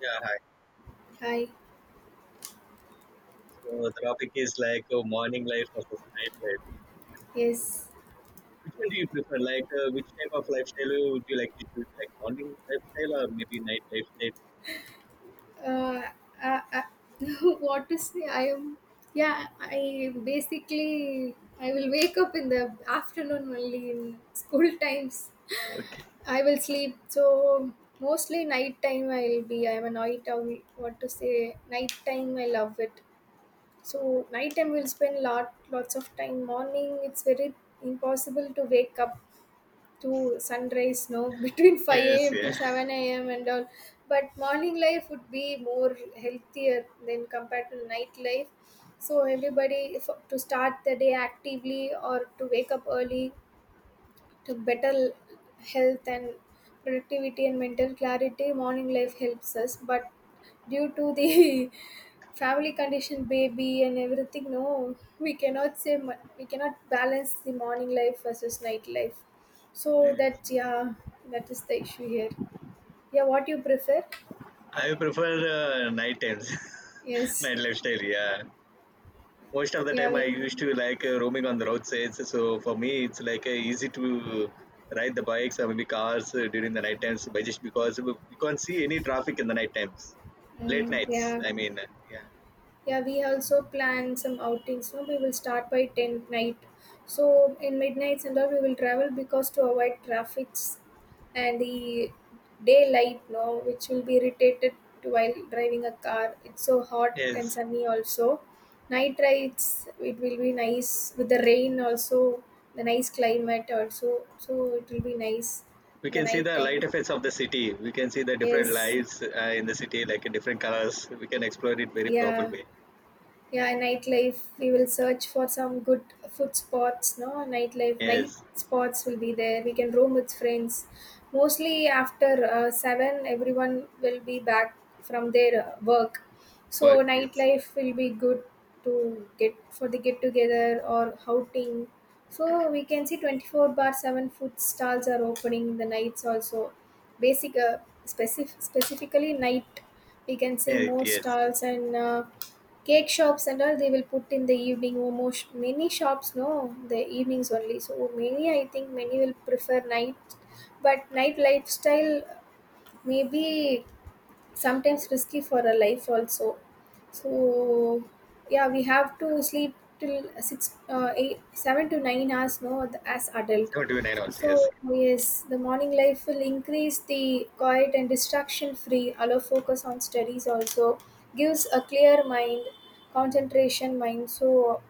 Yeah, hi. Hi. So the topic is like morning life versus night life. Yes. Which one do you prefer? Which type of lifestyle would you like to choose? Like morning lifestyle or maybe night lifestyle? Uh, uh, uh, what to say? I am. Yeah. I basically I will wake up in the afternoon only in school times. Okay. I will sleep. So mostly night time I'll be. I'm a night owl. What to say? Night time I love it. So night time will spend lots of time. Morning it's very impossible to wake up to sunrise no between 5 Yes, a.m to yeah. 7 a.m and all, but morning life would be more healthier than compared to night life, so everybody if, to start the day actively or to wake up early to better health and productivity and mental clarity, morning life helps us. But due to the family condition, baby and everything no, we cannot say we cannot balance the morning life versus night life, so Yes. that, yeah, that is the issue here, yeah. What you prefer? I prefer night times, Yes. night lifestyle. Yeah. Most of the Yeah, time, I we, used to like roaming on the roadsides. So for me, it's like easy to ride the bikes or maybe cars during the night times, but just because we can't see any traffic in the night times, late nights. yeah. I mean, yeah. Yeah, we also plan some outings. No, we will start by ten night. So in midnight and all we will travel because to avoid traffics and the daylight, no, which will be irritated to while driving a car. It's so hot and Yes. sunny also. Night rides, it will be nice with the rain also, the nice climate also. So it will be nice We in the can see night the time. light effects of the city, we can see the different Yes. lights in the city like in different colors. We can explore it very proper Yeah. way. Yeah, nightlife, we will search for some good food spots no, nightlife Yes. night spots will be there, we can roam with friends mostly after 7, everyone will be back from their work. What? So Yes, nightlife will be good to get for the get together or outing. So we can see 24 bar 7 food stalls are opening in the nights also, basic specifically night we can see yes, more yes, stalls and Cake shops and all they will put in the evening. Oh, most many shops no, the evenings only. So many, I think many will prefer night, but night lifestyle maybe sometimes risky for a life also, so yeah, we have to sleep till 6, 8 7 to 9 hours no, as adult. 729 also, So yes. yes, the morning life will increase the quiet and distraction free, allow focus on studies also, gives a clear mind, concentration mind. So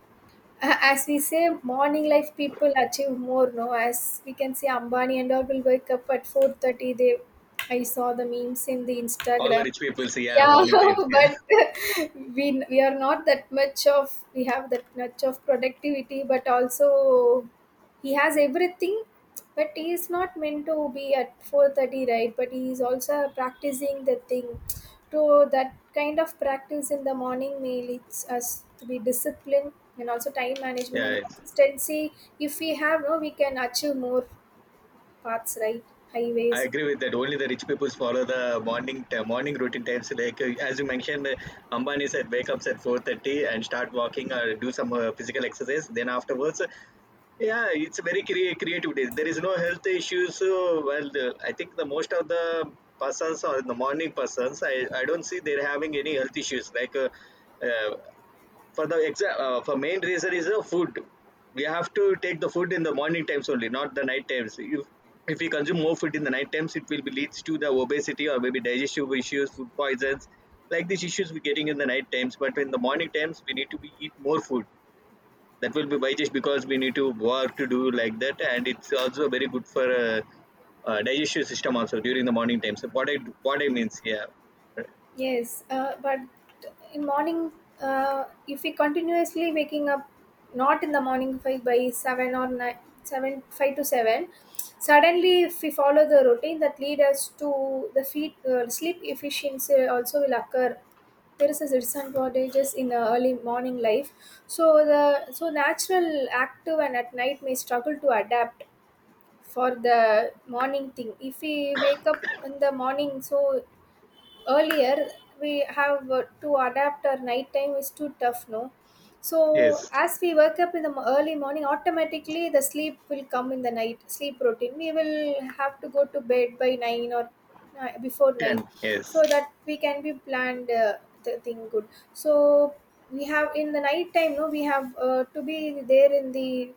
as we say, morning life people achieve more no, as we can see Ambani and all will wake up at 4:30. They, I saw the memes in the All the Instagram. rich people, see, yeah, Yeah, morning times. Yeah. but we are not that much of, we have that much of productivity, but also he has everything. But he is not meant to be at 4:30, right? But he is also practicing the thing. So that kind of practice in the morning may leads us to be disciplined and also time management and Yeah, it's, consistency. If we have, no, we can achieve more paths, right? I Highways. agree with that. Only the rich people follow the morning morning routine times, like as you mentioned, ambani said wake up at 4:30 and start walking or do some physical exercise, then afterwards yeah, it's very creative day. There is no health issues. So, well, the, I think the most of the persons or the morning persons, I don't see they're having any health issues. Like uh, for the for main reason is the food. We have to take the food in the morning times only, not the night times. If we consume more food in the night times, it will be leads to the obesity or maybe digestive issues, food poisons. Like these issues we're getting in the night times, but in the morning times we need to be eat more food. That will be by just because we need to work to do like that, and it's also very good for digestive system also during the morning time. So what I, what I means, yeah. Yes, but in morning, if we continuously waking up, not in the morning five by seven or nine, seven five to seven, suddenly if we follow the routine that lead us to the feet sleep efficiency also will occur. There is a disadvantages in early morning life, so the so natural active and at night may struggle to adapt for the morning thing. If we wake up in the morning, so earlier we have to adapt, our nighttime is too tough no. So Yes, as we wake up in the early morning, automatically the sleep will come in the night sleep routine, we will have to go to bed by 9 or before 9, 10, so yes. that we can be planned the thing good. So we have in the night time no, we have to be there in the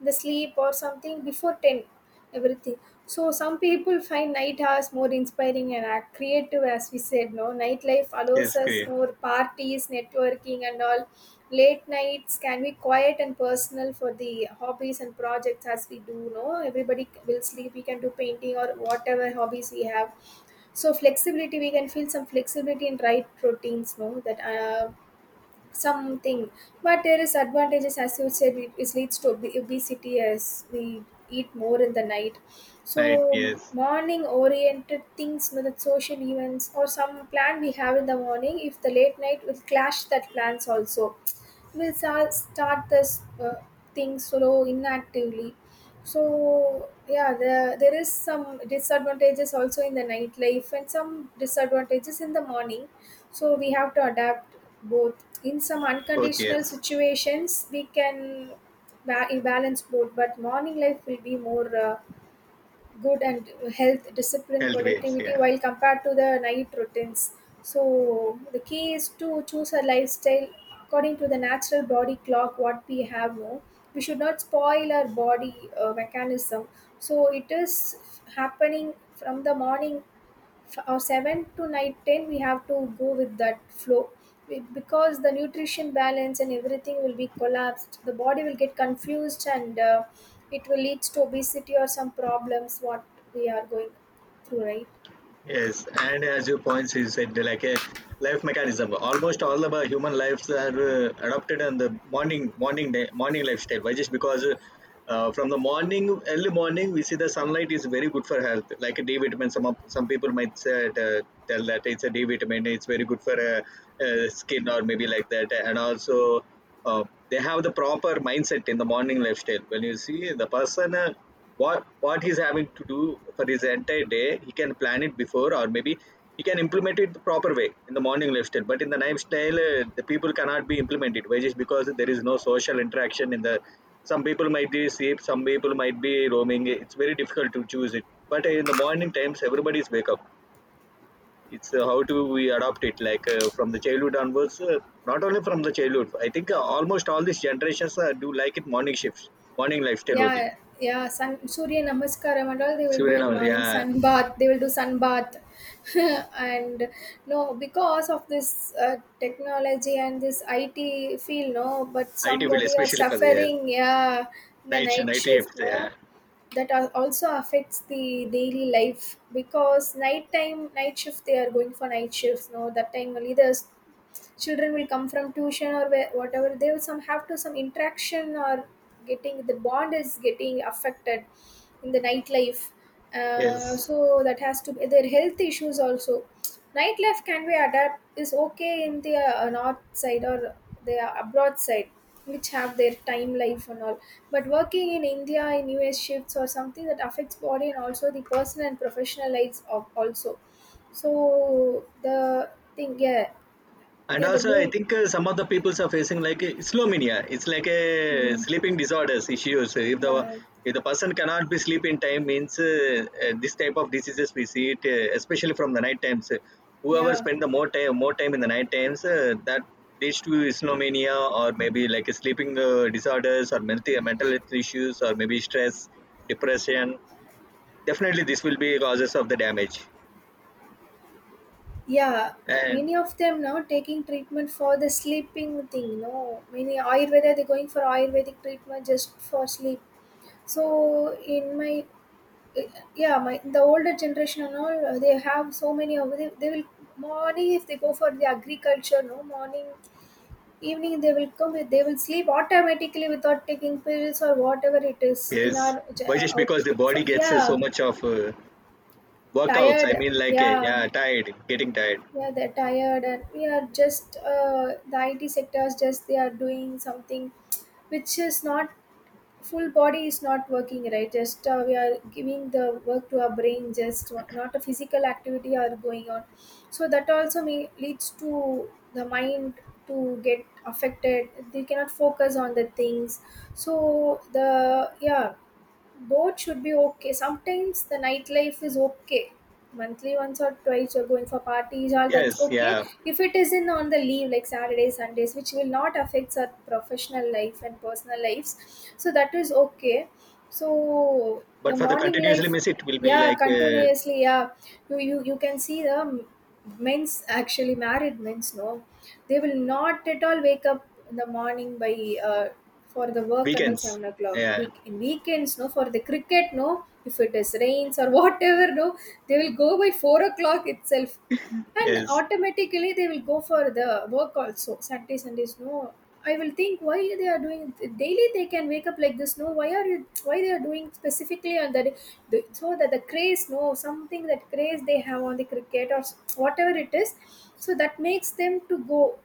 the sleep or something before 10, everything. So some people find night hours more inspiring and are creative, as we said no, nightlife allows Yes, us great. more parties, networking and all. Late nights can be quiet and personal for the hobbies and projects, as we do no, everybody will sleep, we can do painting or whatever hobbies we have. So flexibility, we can feel some flexibility in right routines no, that something. But there is advantages, as you said, it leads to obesity as we eat more in the night. Right, So yes. morning oriented things you know, the social events or some plan we have in the morning, if the late night will clash that plans also, will start this thing slow inactively. So yeah, the, there is some disadvantages also in the nightlife and some disadvantages in the morning. So we have to adapt both, in some Both, unconditional yes. situations we can balance both. But morning life will be more good and health, discipline, Health ways, productivity yeah. while compared to the night routines. So the key is to choose a lifestyle according to the natural body clock what we have no, we should not spoil our body mechanism. So it is happening from the morning 7 to night 10, we have to go with that flow. Because the nutrition balance and everything will be collapsed, the body will get confused and it will lead to obesity or some problems what we are going through, right? Yes, and as you points, you said like a life mechanism. Almost all of our human lives are adopted on the morning, morning, day, morning lifestyle. Why? Just because from the morning, early morning, we see the sunlight is very good for health. Like a D vitamin, some of, some people might say, tell that it's a D vitamin. It's very good for skin or maybe like that. And also, uh, they have the proper mindset in the morning lifestyle. When you see the person. What he's having to do for his entire day, he can plan it before, or maybe he can implement it the proper way in the morning lifestyle. But in the lifestyle, the people cannot be implemented, which is because there is no social interaction in the, some people might be asleep, some people might be roaming, it's very difficult to choose it. But in the morning times everybody's wake up. It's how do we adopt it, like from the childhood onwards, not only from the childhood, I think almost all these generations do like it morning shifts, morning lifestyle only. Yeah, yeah, sun, Surya Namaskaram and all they will do Surya, in morning, yeah. sun bath. They will do sun bath, and no, because of this technology and this IT field, no. But IT field, somebody are especially for the suffering, yeah, in the night shift, night night shift. shift, Yeah. no. That also affects the daily life, because night time, night shift they are going for night shifts, no. That time only there's children will come from tuition or where, whatever, they will some have to some interaction or getting the bond is getting affected in the nightlife. Yes. So that has to be their health issues also. Nightlife can be adapt is okay in the north side or the abroad side, which have their time life and all. But working in India in US shifts or something, that affects body and also the personal and professional lives of also. So the thing, yeah. And Yeah, the also, I moon. think some of the peoples are facing like slomania. It's like a Mm. sleeping disorders issues. If the, Yeah, if the person cannot be sleep in time, means this type of diseases we see it, especially from the night times. Whoever yeah, spend the more time in the night times, that leads to slomania or maybe like a sleeping disorders or mental health issues or maybe stress, depression. Definitely, this will be causes of the damage. yeah. And Many of them now taking treatment for the sleeping thing. No, many Ayurveda they're going for Ayurvedic treatment just for sleep. So in my, yeah, my the older generation and all they have so many of, they will morning if they go for the agriculture no, morning evening they will come with, they will sleep automatically without taking pills or whatever it is in yes, our ja, but just because the body gets so Yeah, much of workouts, tired, I mean, like, yeah. yeah, tired, getting tired. Yeah, they're tired, and we are just the IT sectors, just they are doing something which is not full body is not working, right? Just we are giving the work to our brain, just not a physical activity are going on. So that also may, leads to the mind to get affected, they cannot focus on the things. So the, yeah, both should be okay. Sometimes the nightlife is okay. Monthly once or twice you're going for parties, all that's Yes, okay. yeah. If it isn't on the leave like Saturdays, Sundays, which will not affect our professional life and personal lives, so that is okay. So the But for the morning continuously life, miss, it will be yeah, like continuously yeah. You can see the men's, actually married men's no, they will not at all wake up in the morning by for the work until weekends. 7 o'clock, Yeah, week in weekends no, for the cricket no, if it is rains or whatever no, they will go by 4 o'clock itself, and yes, automatically they will go for the work also Saturday Sundays no. I will think, why they are doing daily they can wake up like this no, why are you why they are doing specifically on that. The, so that the craze no, something, that craze they have on the cricket or whatever it is, so that makes them to go.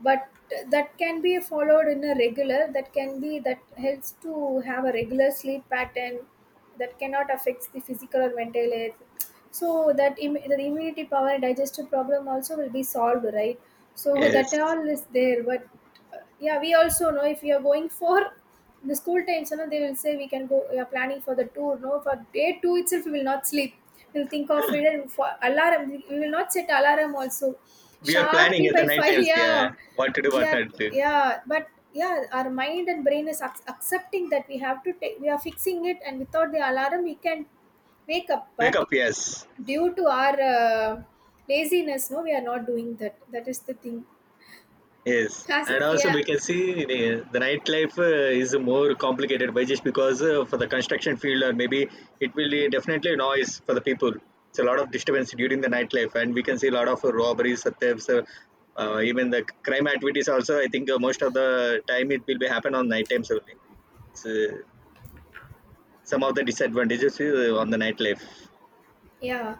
But that can be followed in a regular, that can be, that helps to have a regular sleep pattern, that cannot affect the physical or mental health. So that the immunity power and digestive problem also will be solved, right? So that yes. all is there, but yeah, we also know if we are going for the school times you know, they will say we can go, we are planning for the tour no, for day two itself we will not sleep, we'll think of it, and for alarm we will not set alarm also, We are planning sharply at the by night five times. Yeah, yeah. what to do, We what are, not to do. yeah, but yeah, our mind and brain is accepting that we have to take, we are fixing it, and without the alarm we can wake up. Wake But up, yes. due to our laziness no, we are not doing that, that is the thing. Yes, As, and also yeah, we can see the nightlife is more complicated by just because for the construction field or maybe it will be definitely noise for the people. It's a lot of disturbance during the nightlife, and we can see a lot of robberies, thefts, even the crime activities. Also, I think most of the time it will be happen on night times only. It's some of the disadvantages on the nightlife. yeah,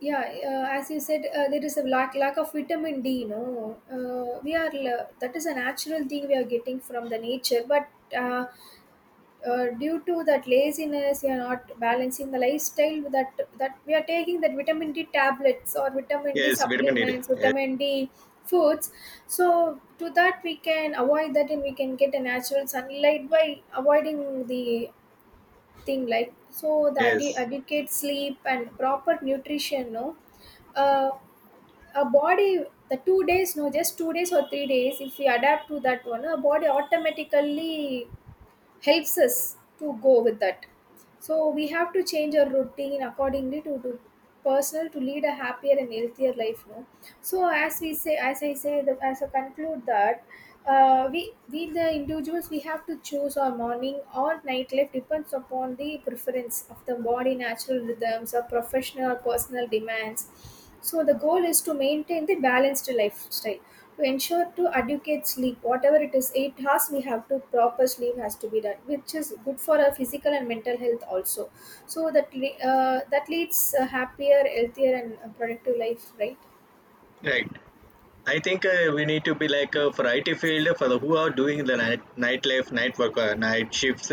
yeah, as you said, there is a lack of vitamin D no, we are that is a natural thing we are getting from the nature. But uh, due to that laziness you are not balancing the lifestyle, that, that we are taking that vitamin D tablets or vitamin D Yes, vitamin D. supplements, Yes, vitamin D foods. So to that we can avoid that, and we can get a natural sunlight by avoiding the thing like. So the yes, adequate sleep and proper nutrition no, uh, a body, the 2 days no, just 2 days or 3 days if we adapt to that one, a body automatically helps us to go with that. So we have to change our routine accordingly to personal, to lead a happier and healthier life. No, so as we say, as I say, the, as I conclude that we the individuals, we have to choose our morning or night life depends upon the preference of the body, natural rhythms, or professional or personal demands. So the goal is to maintain the balanced lifestyle, to ensure to adequate sleep, whatever it is, 8 hours we have to, proper sleep has to be done, which is good for our physical and mental health also. So that that leads a happier, healthier, and productive life, right? right. I think we need to be like a variety field for the who are doing the night, nightlife, night work, night shifts.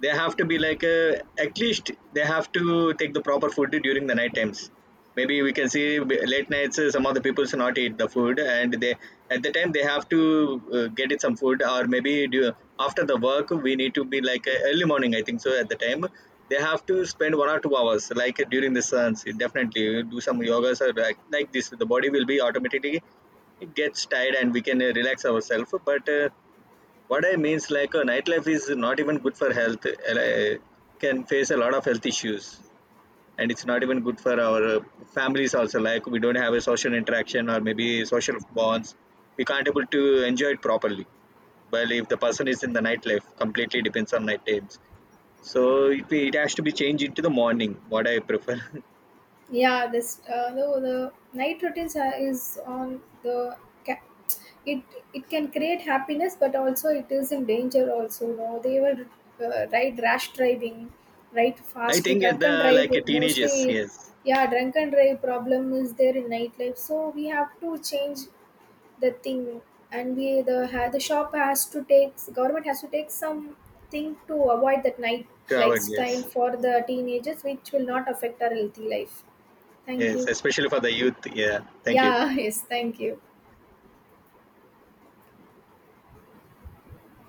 They have to be like at least they have to take the proper food during the night times. Maybe we can see late nights. Uh, some of the people should not eat the food, and they at the time they have to get it some food, or maybe do, after the work we need to be like early morning. I think so. At the time they have to spend 1 or 2 hours, like during the suns. Definitely do some yogas or like this. The body will be automatically, it gets tired and we can relax ourselves, but what I means, like nightlife is not even good for health, like, uh, can face a lot of health issues, and it's not even good for our families also, like we don't have a social interaction or maybe social bonds, we can't able to enjoy it properly. Well, if the person is in the nightlife, completely depends on night times, so it has to be changed into the morning, what I prefer. Yeah, this the night routines are, is on the ca- it, it can create happiness, but also it is in danger also no, they will ride rash driving, right, I fastly think at the, drunken like drive teenagers, mostly. yes, Yeah, drunken drive problem is there in nightlife, so we have to change the thing. And we the the shop has to take, government has to take some thing to avoid that night to avoid, lifestyle yes. for the teenagers, which will not affect our healthy life. Thank Yes, you. especially for the youth. Yeah, thank you. Yeah, yes, thank you.